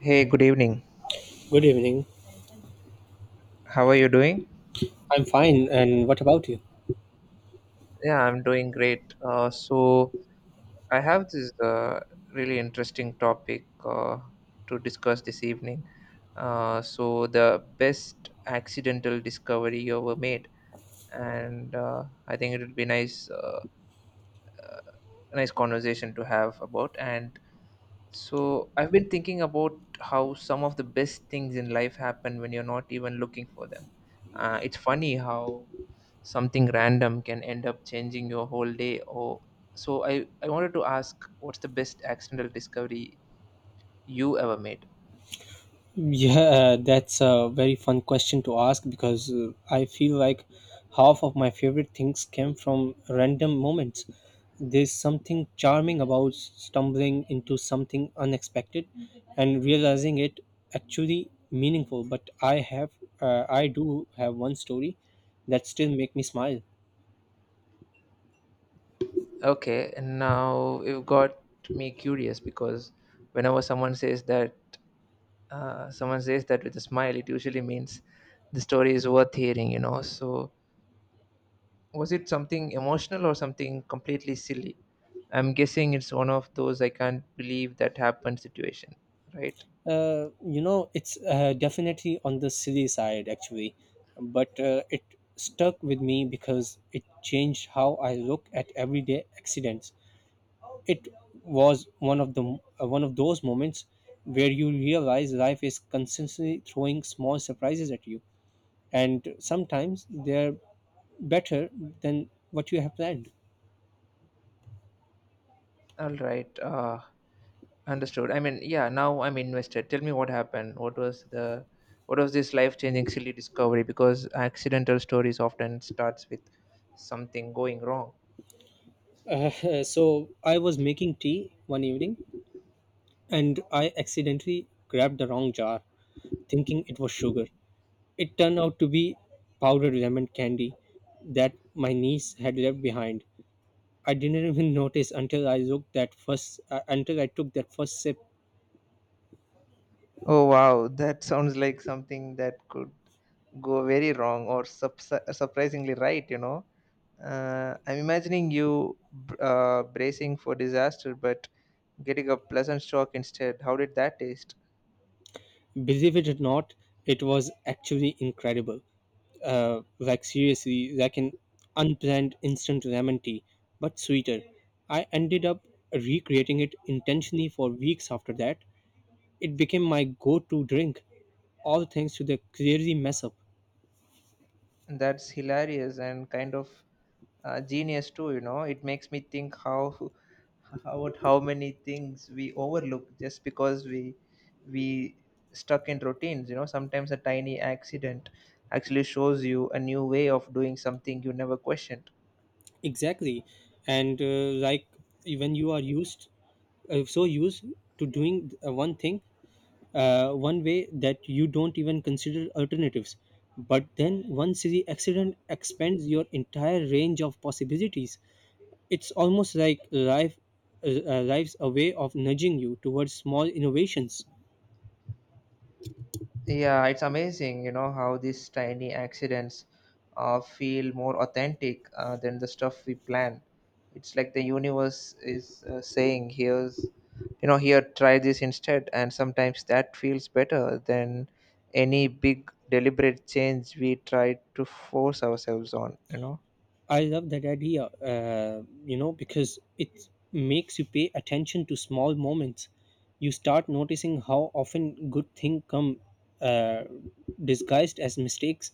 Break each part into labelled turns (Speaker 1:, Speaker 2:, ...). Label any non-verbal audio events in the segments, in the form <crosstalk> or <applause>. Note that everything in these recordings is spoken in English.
Speaker 1: Hey, good evening.
Speaker 2: Good evening.
Speaker 1: How are you doing?
Speaker 2: I'm fine. And what about you?
Speaker 1: Yeah, I'm doing great. I have this really interesting topic to discuss this evening. The best accidental discovery you ever made, and I think it would be nice, nice conversation to have about. And So I've been thinking about how some of the best things in life happen when you're not even looking for them. It's funny how something random can end up changing your whole day. Or so I wanted to ask, what's the best accidental discovery you ever made?
Speaker 2: Yeah, that's a very fun question to ask because I feel like half of my favorite things came from random moments. There's something charming about stumbling into something unexpected and realizing it actually meaningful. But I do have one story that still make me smile.
Speaker 1: Okay, and now you've got me curious because whenever someone says someone says that with a smile, it usually means the story is worth hearing. You know, so was it something emotional or something completely silly? I'm guessing it's one of those I can't believe that happened situation, right?
Speaker 2: It's definitely on the silly side, actually, but it stuck with me because it changed how I look at everyday accidents. It was one of those moments where you realize life is constantly throwing small surprises at you, and sometimes they're better than what you have planned.
Speaker 1: All right, understood. I mean, yeah, now I'm invested. Tell me what happened. What was this life-changing silly discovery? Because accidental stories often starts with something going wrong.
Speaker 2: <laughs> So I was making tea one evening, and I accidentally grabbed the wrong jar, thinking it was sugar. It turned out to be powdered lemon candy that my niece had left behind. I didn't even <laughs> notice until I looked that first until I took that first sip.
Speaker 1: Oh wow, that sounds like something that could go very wrong or surprisingly right, you know. I'm imagining you bracing for disaster but getting a pleasant shock instead. How did that taste?
Speaker 2: Believe it or not, it was actually incredible. Like seriously, like an unplanned instant lemon tea, but sweeter. I ended up recreating it intentionally for weeks after that. It became my go-to drink, all thanks to the clearly mess up.
Speaker 1: That's hilarious and kind of genius too, you know. It makes me think how <laughs> about how many things we overlook just because we stuck in routines, you know. Sometimes a tiny accident actually shows you a new way of doing something you never questioned.
Speaker 2: Exactly, and like when you are used so used to doing one way that you don't even consider alternatives. But then once the accident expands your entire range of possibilities, it's almost like life's a way of nudging you towards small innovations.
Speaker 1: Yeah, it's amazing, you know, how these tiny accidents feel more authentic than the stuff we plan. It's like the universe is saying, here's, you know, here, try this instead. And sometimes that feels better than any big deliberate change we try to force ourselves on, you know.
Speaker 2: I love that idea, because it makes you pay attention to small moments. You start noticing how often good things come uh, disguised as mistakes.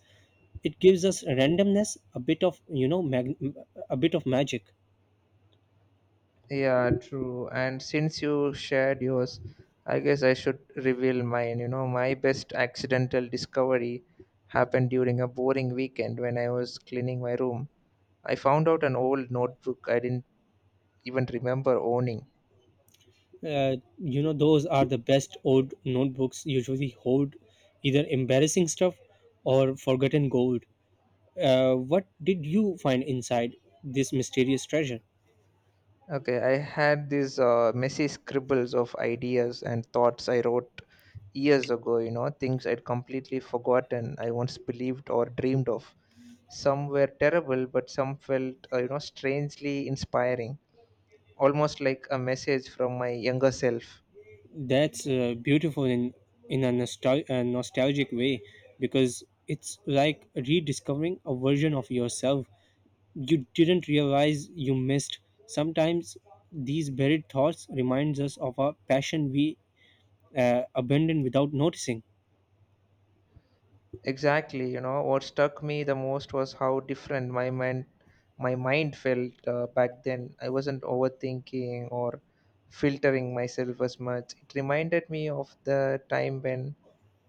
Speaker 2: It gives us randomness, a bit of magic.
Speaker 1: Yeah, true. And since you shared yours, I guess I should reveal mine. You know, my best accidental discovery happened during a boring weekend when I was cleaning my room. I found out an old notebook I didn't even remember owning.
Speaker 2: Those are the best old notebooks. Usually hold either embarrassing stuff or forgotten gold. What did you find inside this mysterious treasure?
Speaker 1: Okay, I had these messy scribbles of ideas and thoughts I wrote years ago, you know, things I'd completely forgotten I once believed or dreamed of. Some were terrible, but some felt, you know, strangely inspiring almost like a message from my younger self.
Speaker 2: That's beautiful in a nostalgic way because it's like rediscovering a version of yourself you didn't realize you missed. Sometimes these buried thoughts reminds us of a passion we abandoned without noticing.
Speaker 1: Exactly, you know, what struck me the most was how different my mind felt back then. I wasn't overthinking or filtering myself as much. It reminded me of the time when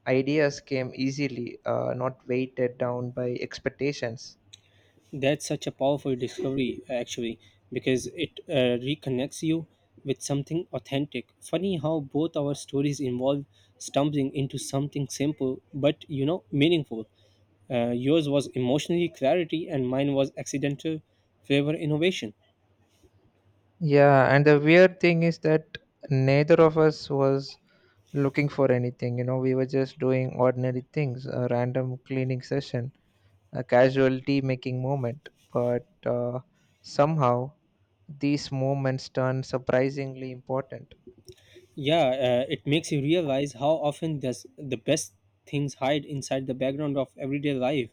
Speaker 1: ideas came easily, not weighted down by expectations.
Speaker 2: That's such a powerful discovery, actually, because it reconnects you with something authentic. Funny how both our stories involve stumbling into something simple but meaningful. Yours was emotionally clarity, and mine was accidental flavor innovation.
Speaker 1: Yeah, and the weird thing is that neither of us was looking for anything. You know, we were just doing ordinary things, a random cleaning session a casualty making moment, but somehow these moments turn surprisingly important.
Speaker 2: Yeah, it makes you realize how often does the best things hide inside the background of everyday life.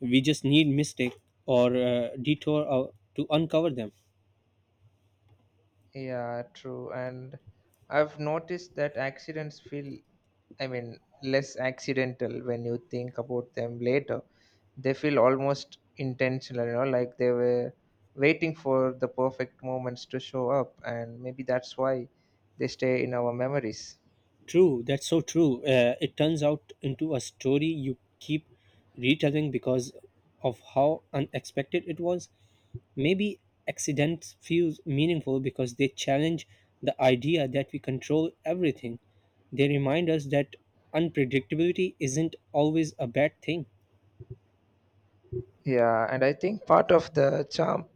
Speaker 2: We just need mistake or detour to uncover them.
Speaker 1: Yeah, true. And I've noticed that accidents feel, I mean, less accidental when you think about them later. They feel almost intentional, you know, like they were waiting for the perfect moments to show up. And maybe that's why they stay in our memories.
Speaker 2: True, that's so true. It turns out into a story you keep retelling because of how unexpected it was. Maybe accidents feels meaningful because they challenge the idea that we control everything. They remind us that unpredictability isn't always a bad thing.
Speaker 1: Yeah, and I think part of the charm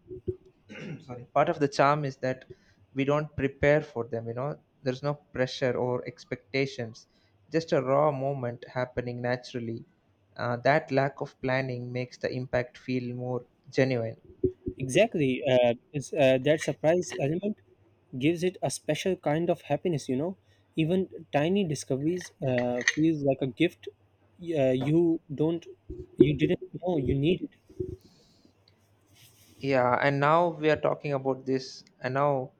Speaker 1: sorry part of the charm is that we don't prepare for them, you know, there's no pressure or expectations, just a raw moment happening naturally. That lack of planning makes the impact feel more genuine.
Speaker 2: Exactly, because that surprise element gives it a special kind of happiness. Even tiny discoveries feels like a gift, you didn't know you needed.
Speaker 1: Yeah and now we are talking about this and now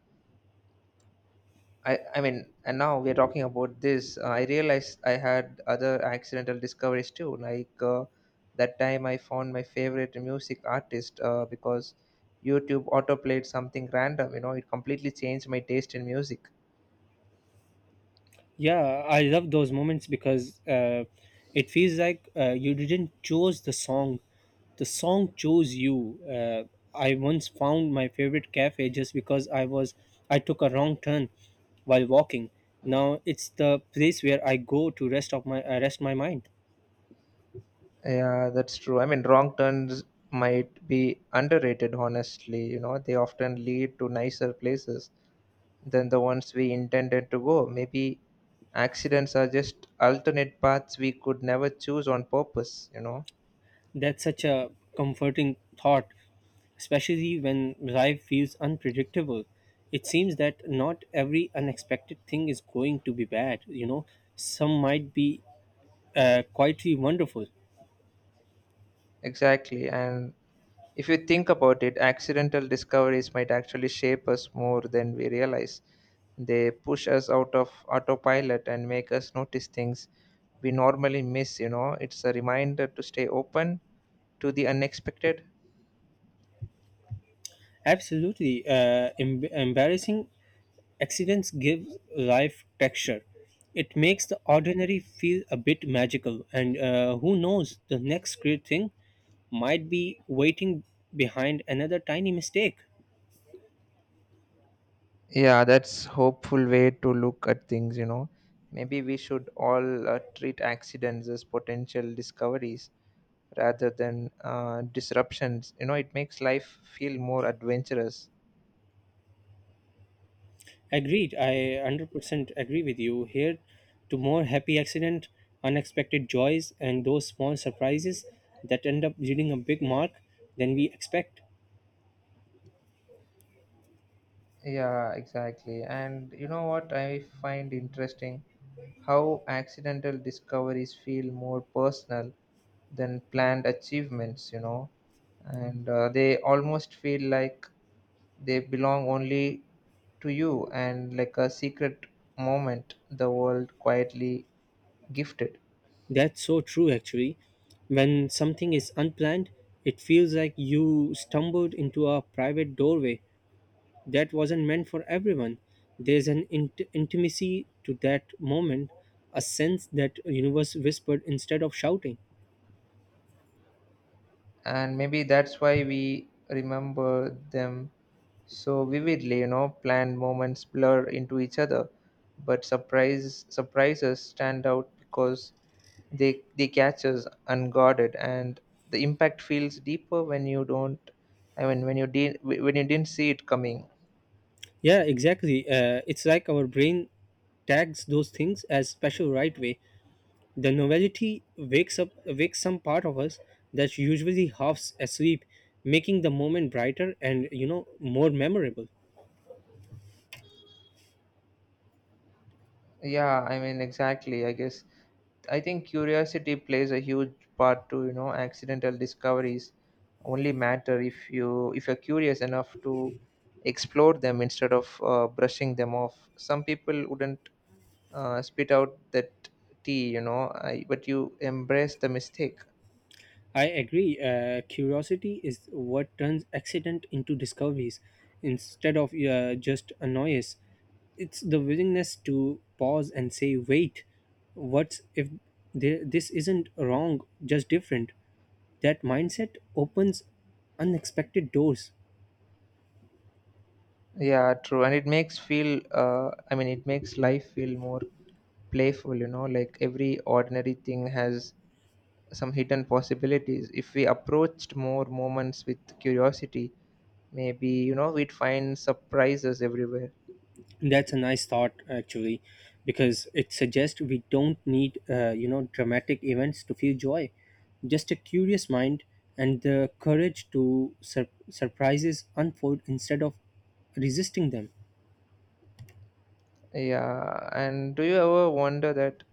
Speaker 1: I mean, and now we're talking about this. I realized I had other accidental discoveries too. Like that time I found my favorite music artist because YouTube autoplayed something random. You know, it completely changed my taste in music.
Speaker 2: Yeah, I love those moments because it feels like you didn't choose the song. The song chose you. I once found my favorite cafe just because I took a wrong turn while walking. Now it's the place where I go to rest my mind.
Speaker 1: Yeah, that's true. I mean, wrong turns might be underrated, honestly. You know, they often lead to nicer places than the ones we intended to go. Maybe accidents are just alternate paths we could never choose on purpose, you know.
Speaker 2: That's such a comforting thought, especially when life feels unpredictable. It seems that not every unexpected thing is going to be bad. Some might be quietly wonderful.
Speaker 1: Exactly. And if you think about it, accidental discoveries might actually shape us more than we realize. They push us out of autopilot and make us notice things we normally miss, you know. It's a reminder to stay open to the unexpected.
Speaker 2: Absolutely. Embarrassing accidents give life texture. It makes the ordinary feel a bit magical, and who knows, the next great thing might be waiting behind another tiny mistake.
Speaker 1: Yeah, that's hopeful way to look at things, you know. Maybe we should all treat accidents as potential discoveries rather than disruptions. You know, it makes life feel more adventurous.
Speaker 2: Agreed, I 100% agree with you. Here to more happy accident, unexpected joys, and those small surprises that end up yielding a big mark than we expect.
Speaker 1: Yeah, exactly. And you know what I find interesting? How accidental discoveries feel more personal than planned achievements, you know, and they almost feel like they belong only to you and like a secret moment the world quietly gifted.
Speaker 2: That's so true, actually. When something is unplanned, it feels like you stumbled into a private doorway that wasn't meant for everyone. There's an intimacy to that moment, a sense that universe whispered instead of shouting.
Speaker 1: And maybe that's why we remember them so vividly, you know, planned moments blur into each other but surprises stand out because they catch us unguarded and the impact feels deeper when you don't I mean when you did when you didn't see it coming.
Speaker 2: Yeah, exactly. It's like our brain tags those things as special right way. The novelty wakes some part of us that's usually half asleep, making the moment brighter and more memorable.
Speaker 1: Yeah, I mean, exactly. I guess I think curiosity plays a huge part to, you know, accidental discoveries only matter if you're curious enough to explore them instead of brushing them off. Some people wouldn't spit out that tea, you know, but you embrace the mistake.
Speaker 2: I agree. Curiosity is what turns accident into discoveries instead of just a noise. It's the willingness to pause and say, wait, what's if this isn't wrong, just different? That mindset opens unexpected doors.
Speaker 1: Yeah, true. And it makes life feel more playful, you know, like every ordinary thing has some hidden possibilities. If we approached more moments with curiosity, maybe, you know, we'd find surprises everywhere.
Speaker 2: That's a nice thought, actually, because it suggests we don't need dramatic events to feel joy. Just a curious mind and the courage to surprises unfold instead of resisting them.
Speaker 1: Yeah and do you ever wonder that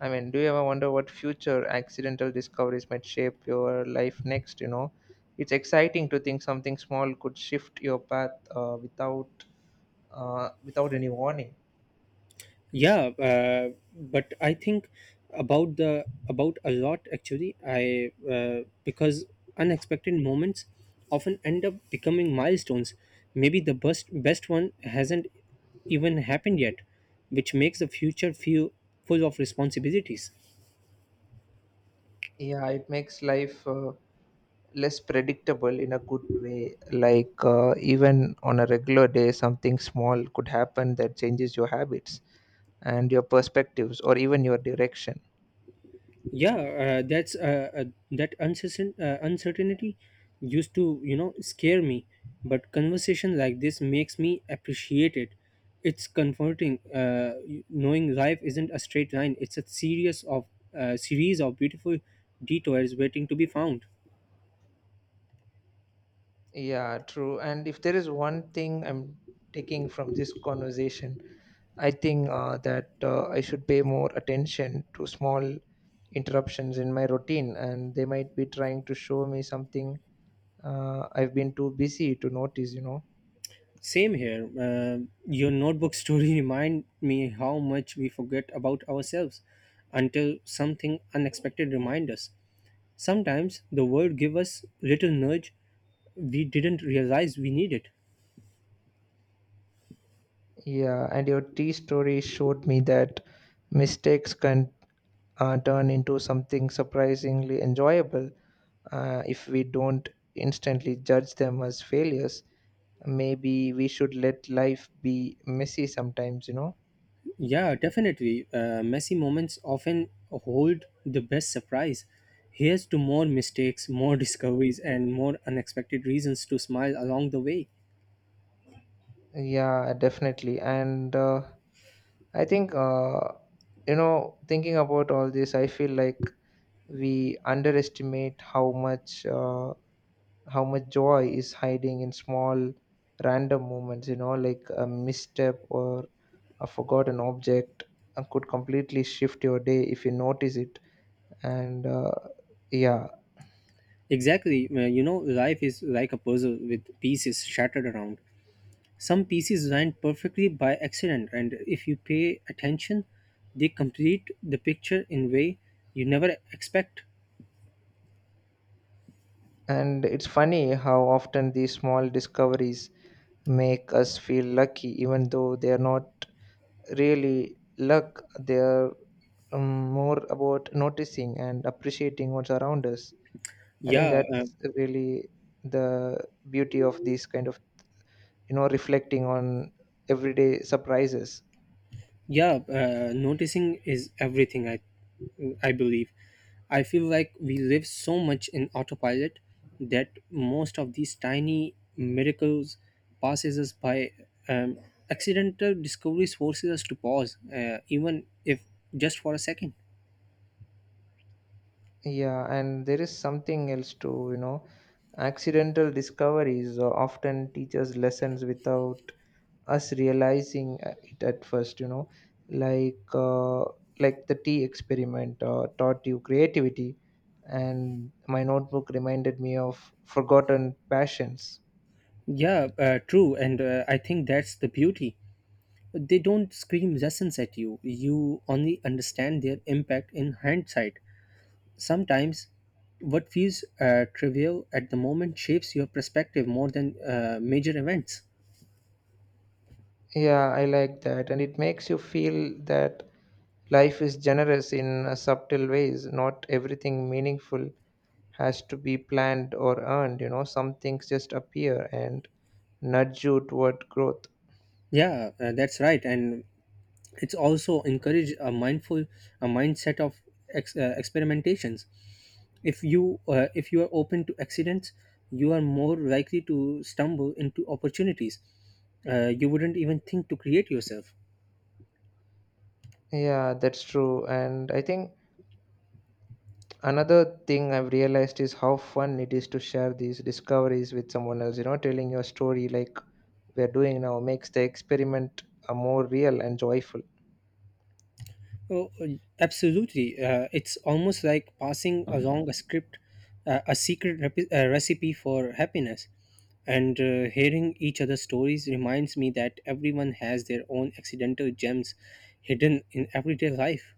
Speaker 1: I mean Do you ever wonder what future accidental discoveries might shape your life next? You know, it's exciting to think something small could shift your path without any warning.
Speaker 2: Yeah, but I think about a lot, actually. I Because unexpected moments often end up becoming milestones. Maybe the best one hasn't even happened yet, which makes the future feel full of responsibilities.
Speaker 1: Yeah, it makes life less predictable in a good way, like even on a regular day something small could happen that changes your habits and your perspectives or even your direction.
Speaker 2: Yeah, that's that uncertain uncertainty used to scare me, but conversation like this makes me appreciate it. It's comforting, knowing life isn't a straight line. It's a series of beautiful detours waiting to be found.
Speaker 1: Yeah, true. And if there is one thing I'm taking from this conversation, I think that I should pay more attention to small interruptions in my routine and they might be trying to show me something I've been too busy to notice, you know.
Speaker 2: Same here. Your notebook story <laughs> remind me how much we forget about ourselves until something unexpected remind us. Sometimes the world gives us little nudge we didn't realize we needed.
Speaker 1: Yeah, and your tea story showed me that mistakes can turn into something surprisingly enjoyable if we don't instantly judge them as failures. Maybe we should let life be messy sometimes, you know?
Speaker 2: Yeah, definitely. Messy moments often hold the best surprise. Here's to more mistakes, more <laughs> discoveries, and more unexpected reasons to smile along the way.
Speaker 1: Yeah, definitely. And I think, uh, you know, thinking about all this, I feel like we underestimate how much. How much joy is hiding in small random moments, you know, like a misstep or a forgotten object could completely shift your day if you notice it. And Yeah.
Speaker 2: Exactly. Life is like a puzzle with pieces shattered around. Some pieces land perfectly by accident, and if you pay attention, they complete the picture in way you never expect.
Speaker 1: And it's funny how often these small discoveries make us feel lucky even though they are not really luck. They are, more about noticing and appreciating what's around us. I think
Speaker 2: Yeah,
Speaker 1: that's really the beauty of these kind of, you know, reflecting on everyday surprises.
Speaker 2: yeah noticing is everything. I believe. I feel like we live so much in autopilot that most of these tiny miracles passes us by. um, Accidental discoveries forces us to pause, even if just for a second.
Speaker 1: Yeah, and there is something else too, you know, accidental discoveries often teach us lessons without us realizing it at first, you know, like uh, like the tea experiment taught you creativity, and my notebook reminded me of forgotten passions.
Speaker 2: Yeah, true. And I think that's the beauty. They don't scream lessons at you. You only understand their impact in hindsight. Sometimes, what feels trivial at the moment shapes your perspective more than major events.
Speaker 1: Yeah, I like that. And it makes you feel that life is generous in subtle ways. Not everything meaningful has to be planned or earned, you know, some things just appear and nudge you toward growth.
Speaker 2: Yeah, that's right, and it's also encourage a mindset of experimentations. If you are open to accidents, you are more likely to stumble into opportunities. You wouldn't even think to create yourself.
Speaker 1: Yeah, that's true. And I think another thing I've realized is how fun it is to share these discoveries with someone else, you know, telling your story like we're doing now makes the experiment more real and joyful.
Speaker 2: Oh, oh, absolutely. It's almost like passing along a script, a secret recipe for happiness. And hearing each other's stories reminds me that everyone has their own accidental gems hidden in everyday life.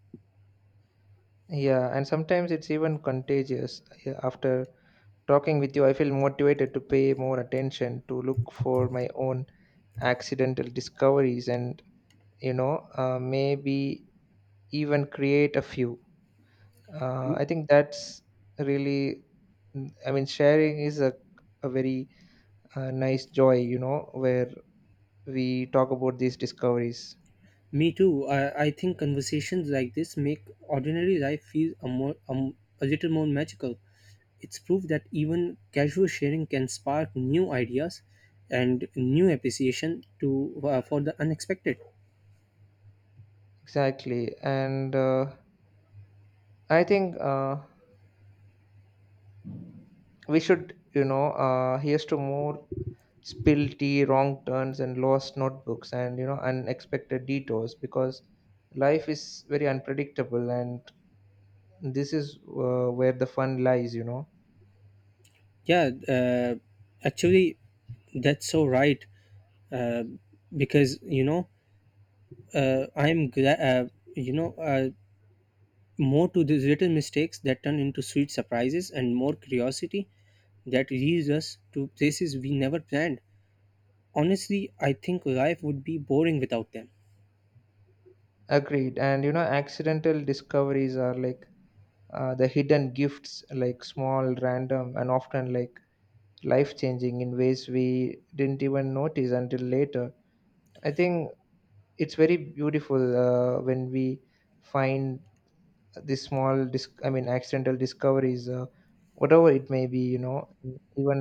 Speaker 1: Yeah, and sometimes it's even contagious. Yeah, after talking with you, I feel motivated to pay more attention to look for my own accidental discoveries and, you know, maybe even create a few.
Speaker 2: M-
Speaker 1: I think that's really, mm, I mean, Sharing is a very nice joy, you know, where we talk about these discoveries.
Speaker 2: me too. I think conversations like this make ordinary life feel a little more magical. It's proof that even casual sharing can spark new ideas and new appreciation to for the unexpected.
Speaker 1: Exactly. And I think. We should, you know, here's to more spilled tea, wrong turns, and lost notebooks, and, you know, unexpected detours, because life is very unpredictable and this is where the fun lies, you know.
Speaker 2: Yeah, actually, that's so right. Uh, because I'm glad. More to these little mistakes that turn into sweet surprises, and more curiosity that leads us to places we never planned. Honestly, I think life would be boring without them.
Speaker 1: Agreed. And you know accidental discoveries are like the hidden gifts, like small, random, and often like life changing in ways we didn't even notice until later. I think it's very beautiful when we find This small dis- I mean accidental discoveries, whatever it may be, you know. Even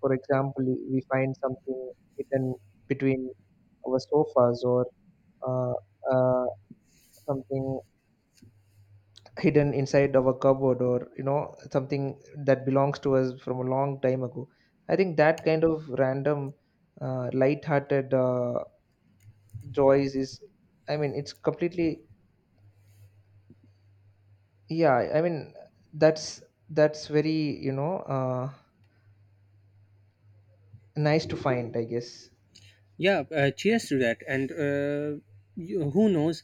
Speaker 1: for example we find something hidden between our sofas or uh, uh, something hidden inside our cupboard or, you know, something that belongs to us from a long time ago. I think that kind of random light-hearted joys is, it's completely, yeah i mean that's that's very, you know, nice to find, I guess.
Speaker 2: Yeah. Cheers to that. And who knows?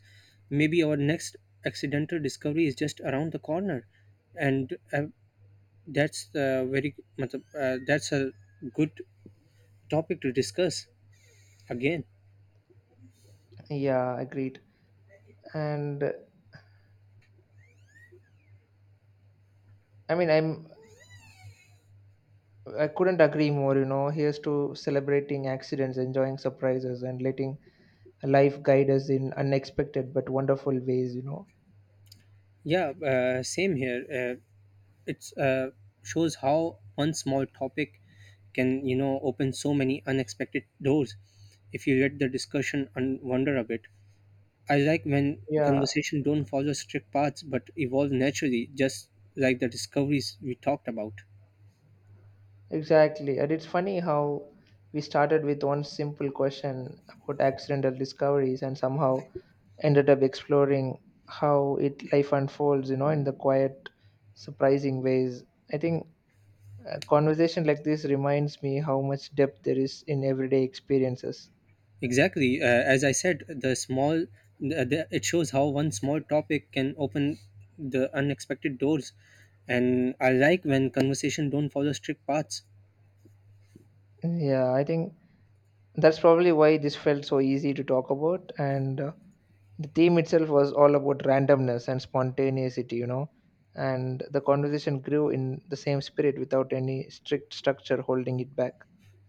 Speaker 2: Maybe our next accidental discovery is just around the corner, and that's a good topic to discuss again.
Speaker 1: Yeah, agreed. And i mean i'm I couldn't agree more, you know, here's to celebrating accidents, enjoying surprises, and letting life guide us in unexpected but wonderful ways, you know.
Speaker 2: Yeah, same here. It's shows how one small topic can open so many unexpected doors. If you let the discussion and wonder a bit, I like when
Speaker 1: Yeah,
Speaker 2: conversation don't follow strict paths but evolve naturally, just like the discoveries we talked about.
Speaker 1: exactly. And it's funny how we started with one simple question about accidental discoveries and somehow ended up exploring how it life unfolds, you know, in the quiet surprising ways. I think a conversation like this reminds me how much depth there is in everyday experiences.
Speaker 2: Exactly. As I said, the small the, it shows how one small topic can open the unexpected doors, and I like when conversation don't follow strict paths.
Speaker 1: Yeah, I think that's probably why this felt so easy to talk about. And the theme itself was all about randomness and spontaneity, you know. And the conversation grew in the same spirit without any strict structure holding it back.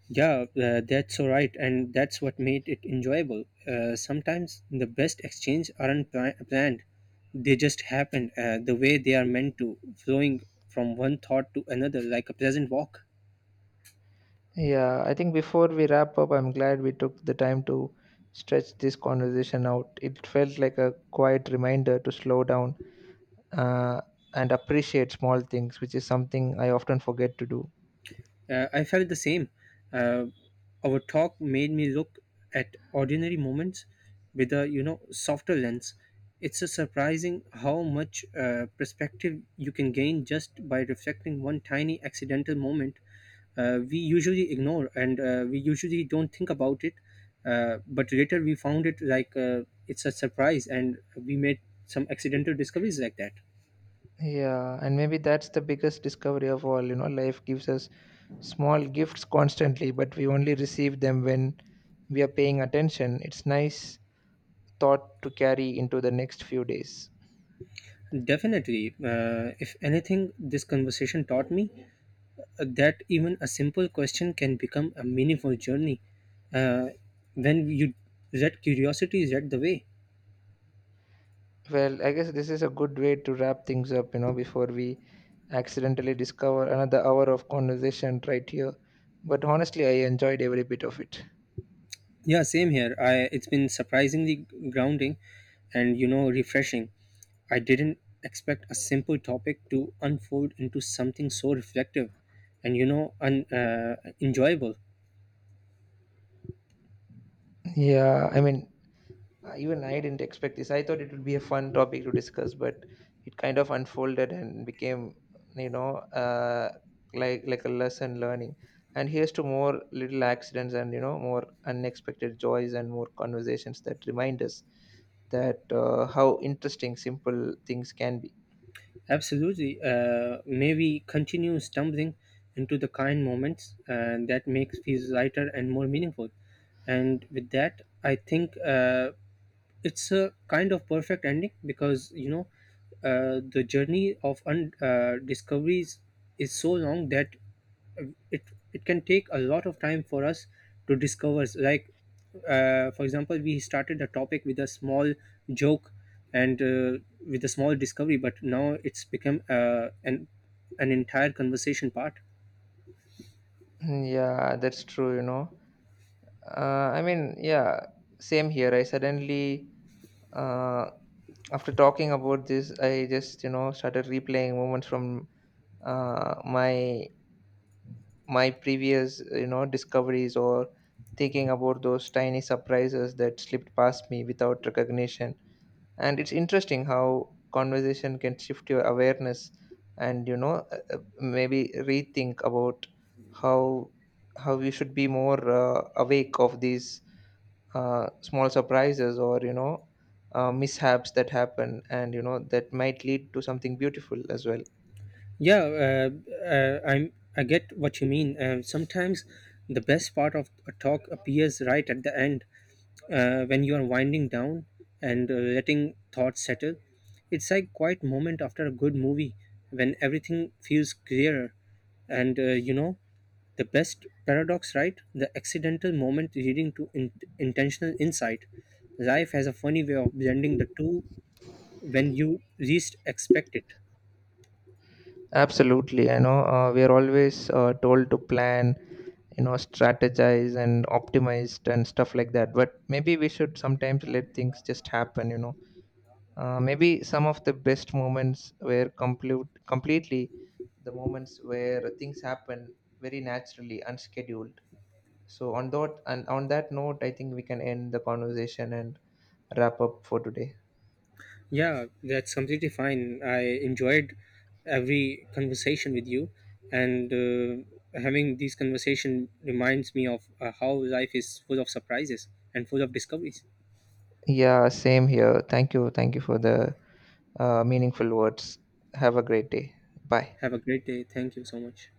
Speaker 2: Yeah, that's all right, and that's what made it enjoyable. Sometimes the best exchange aren't planned; they just happen the way they are meant to, flowing from one thought to another like a pleasant walk.
Speaker 1: Yeah, I think before we wrap up, I'm glad we took the time to stretch this conversation out. It felt like a quiet reminder to slow down uh, and appreciate small things, which is something I often forget to do.
Speaker 2: I felt the same. Uh, our talk made me look at ordinary moments with a softer lens. It's a surprising how much perspective you can gain just by reflecting one tiny accidental moment we usually ignore, and we usually don't think about it. But later we found it like it's a surprise, and we made some accidental discoveries like that.
Speaker 1: Yeah, and maybe that's the biggest discovery of all. You know, life gives us small gifts constantly, but we only receive them when we are paying attention. It's nice thought to carry into the next few days.
Speaker 2: Definitely, if anything, this conversation taught me that even a simple question can become a meaningful journey uh, when you that curiosity is at the way.
Speaker 1: Well, I guess this is a good way to wrap things up, you know, before we accidentally discover another hour of conversation right here. But honestly, I enjoyed every bit of it.
Speaker 2: Yeah, same here. I It's been surprisingly grounding and refreshing. I didn't expect a simple topic to unfold into something so reflective and enjoyable.
Speaker 1: Yeah, I mean, even I didn't expect this. I thought it would be a fun topic to discuss, but it kind of unfolded and became, you know, like a lesson learning. And here's to more little accidents and, you know, more unexpected joys and more conversations that remind us that how interesting simple things can be. <clears throat>
Speaker 2: Absolutely. May we continue stumbling into the kind moments that makes feels lighter and more meaningful. And with that, I think it's a kind of perfect ending. Because the journey of discoveries is so long that it it can take a lot of time for us to discover, like for example, we started a topic with a small joke, and with a small discovery, but now it's become an entire conversation part.
Speaker 1: Mm, yeah, that's true. You know, yeah, same here. I suddenly, uh, after talking about this, I just, you know, started replaying moments from uh, my my previous, you know, discoveries or thinking about those tiny surprises that slipped past me without recognition. And it's interesting how conversation can shift your awareness and, you know, maybe rethink about how how we should be more awake of these small surprises or, you know, mishaps that happen and, you know, that might lead to something beautiful as well.
Speaker 2: Yeah, I get what you mean. Sometimes the best part of a talk appears right at the end, when you are winding down, and letting thoughts settle. It's like quiet moment after a good movie when everything feels clearer. And the best paradox, right? The accidental moment leading to intentional insight. Life has a funny way of blending the two when you least expect it.
Speaker 1: Absolutely. I know we are always told to plan, you know, strategize and optimize and stuff like that. But maybe we should sometimes let things just happen, you know. Maybe some of the best moments were completely the moments where things happen very naturally, unscheduled. On that note, I think we can end the conversation and wrap up for today.
Speaker 2: Yeah, that's completely fine. I enjoyed every conversation with you, and having these conversation reminds me of how life is full of surprises and full of discoveries.
Speaker 1: Yeah, same here. Thank you for the meaningful words. Have a great day. Bye.
Speaker 2: Have a great day. Thank you so much.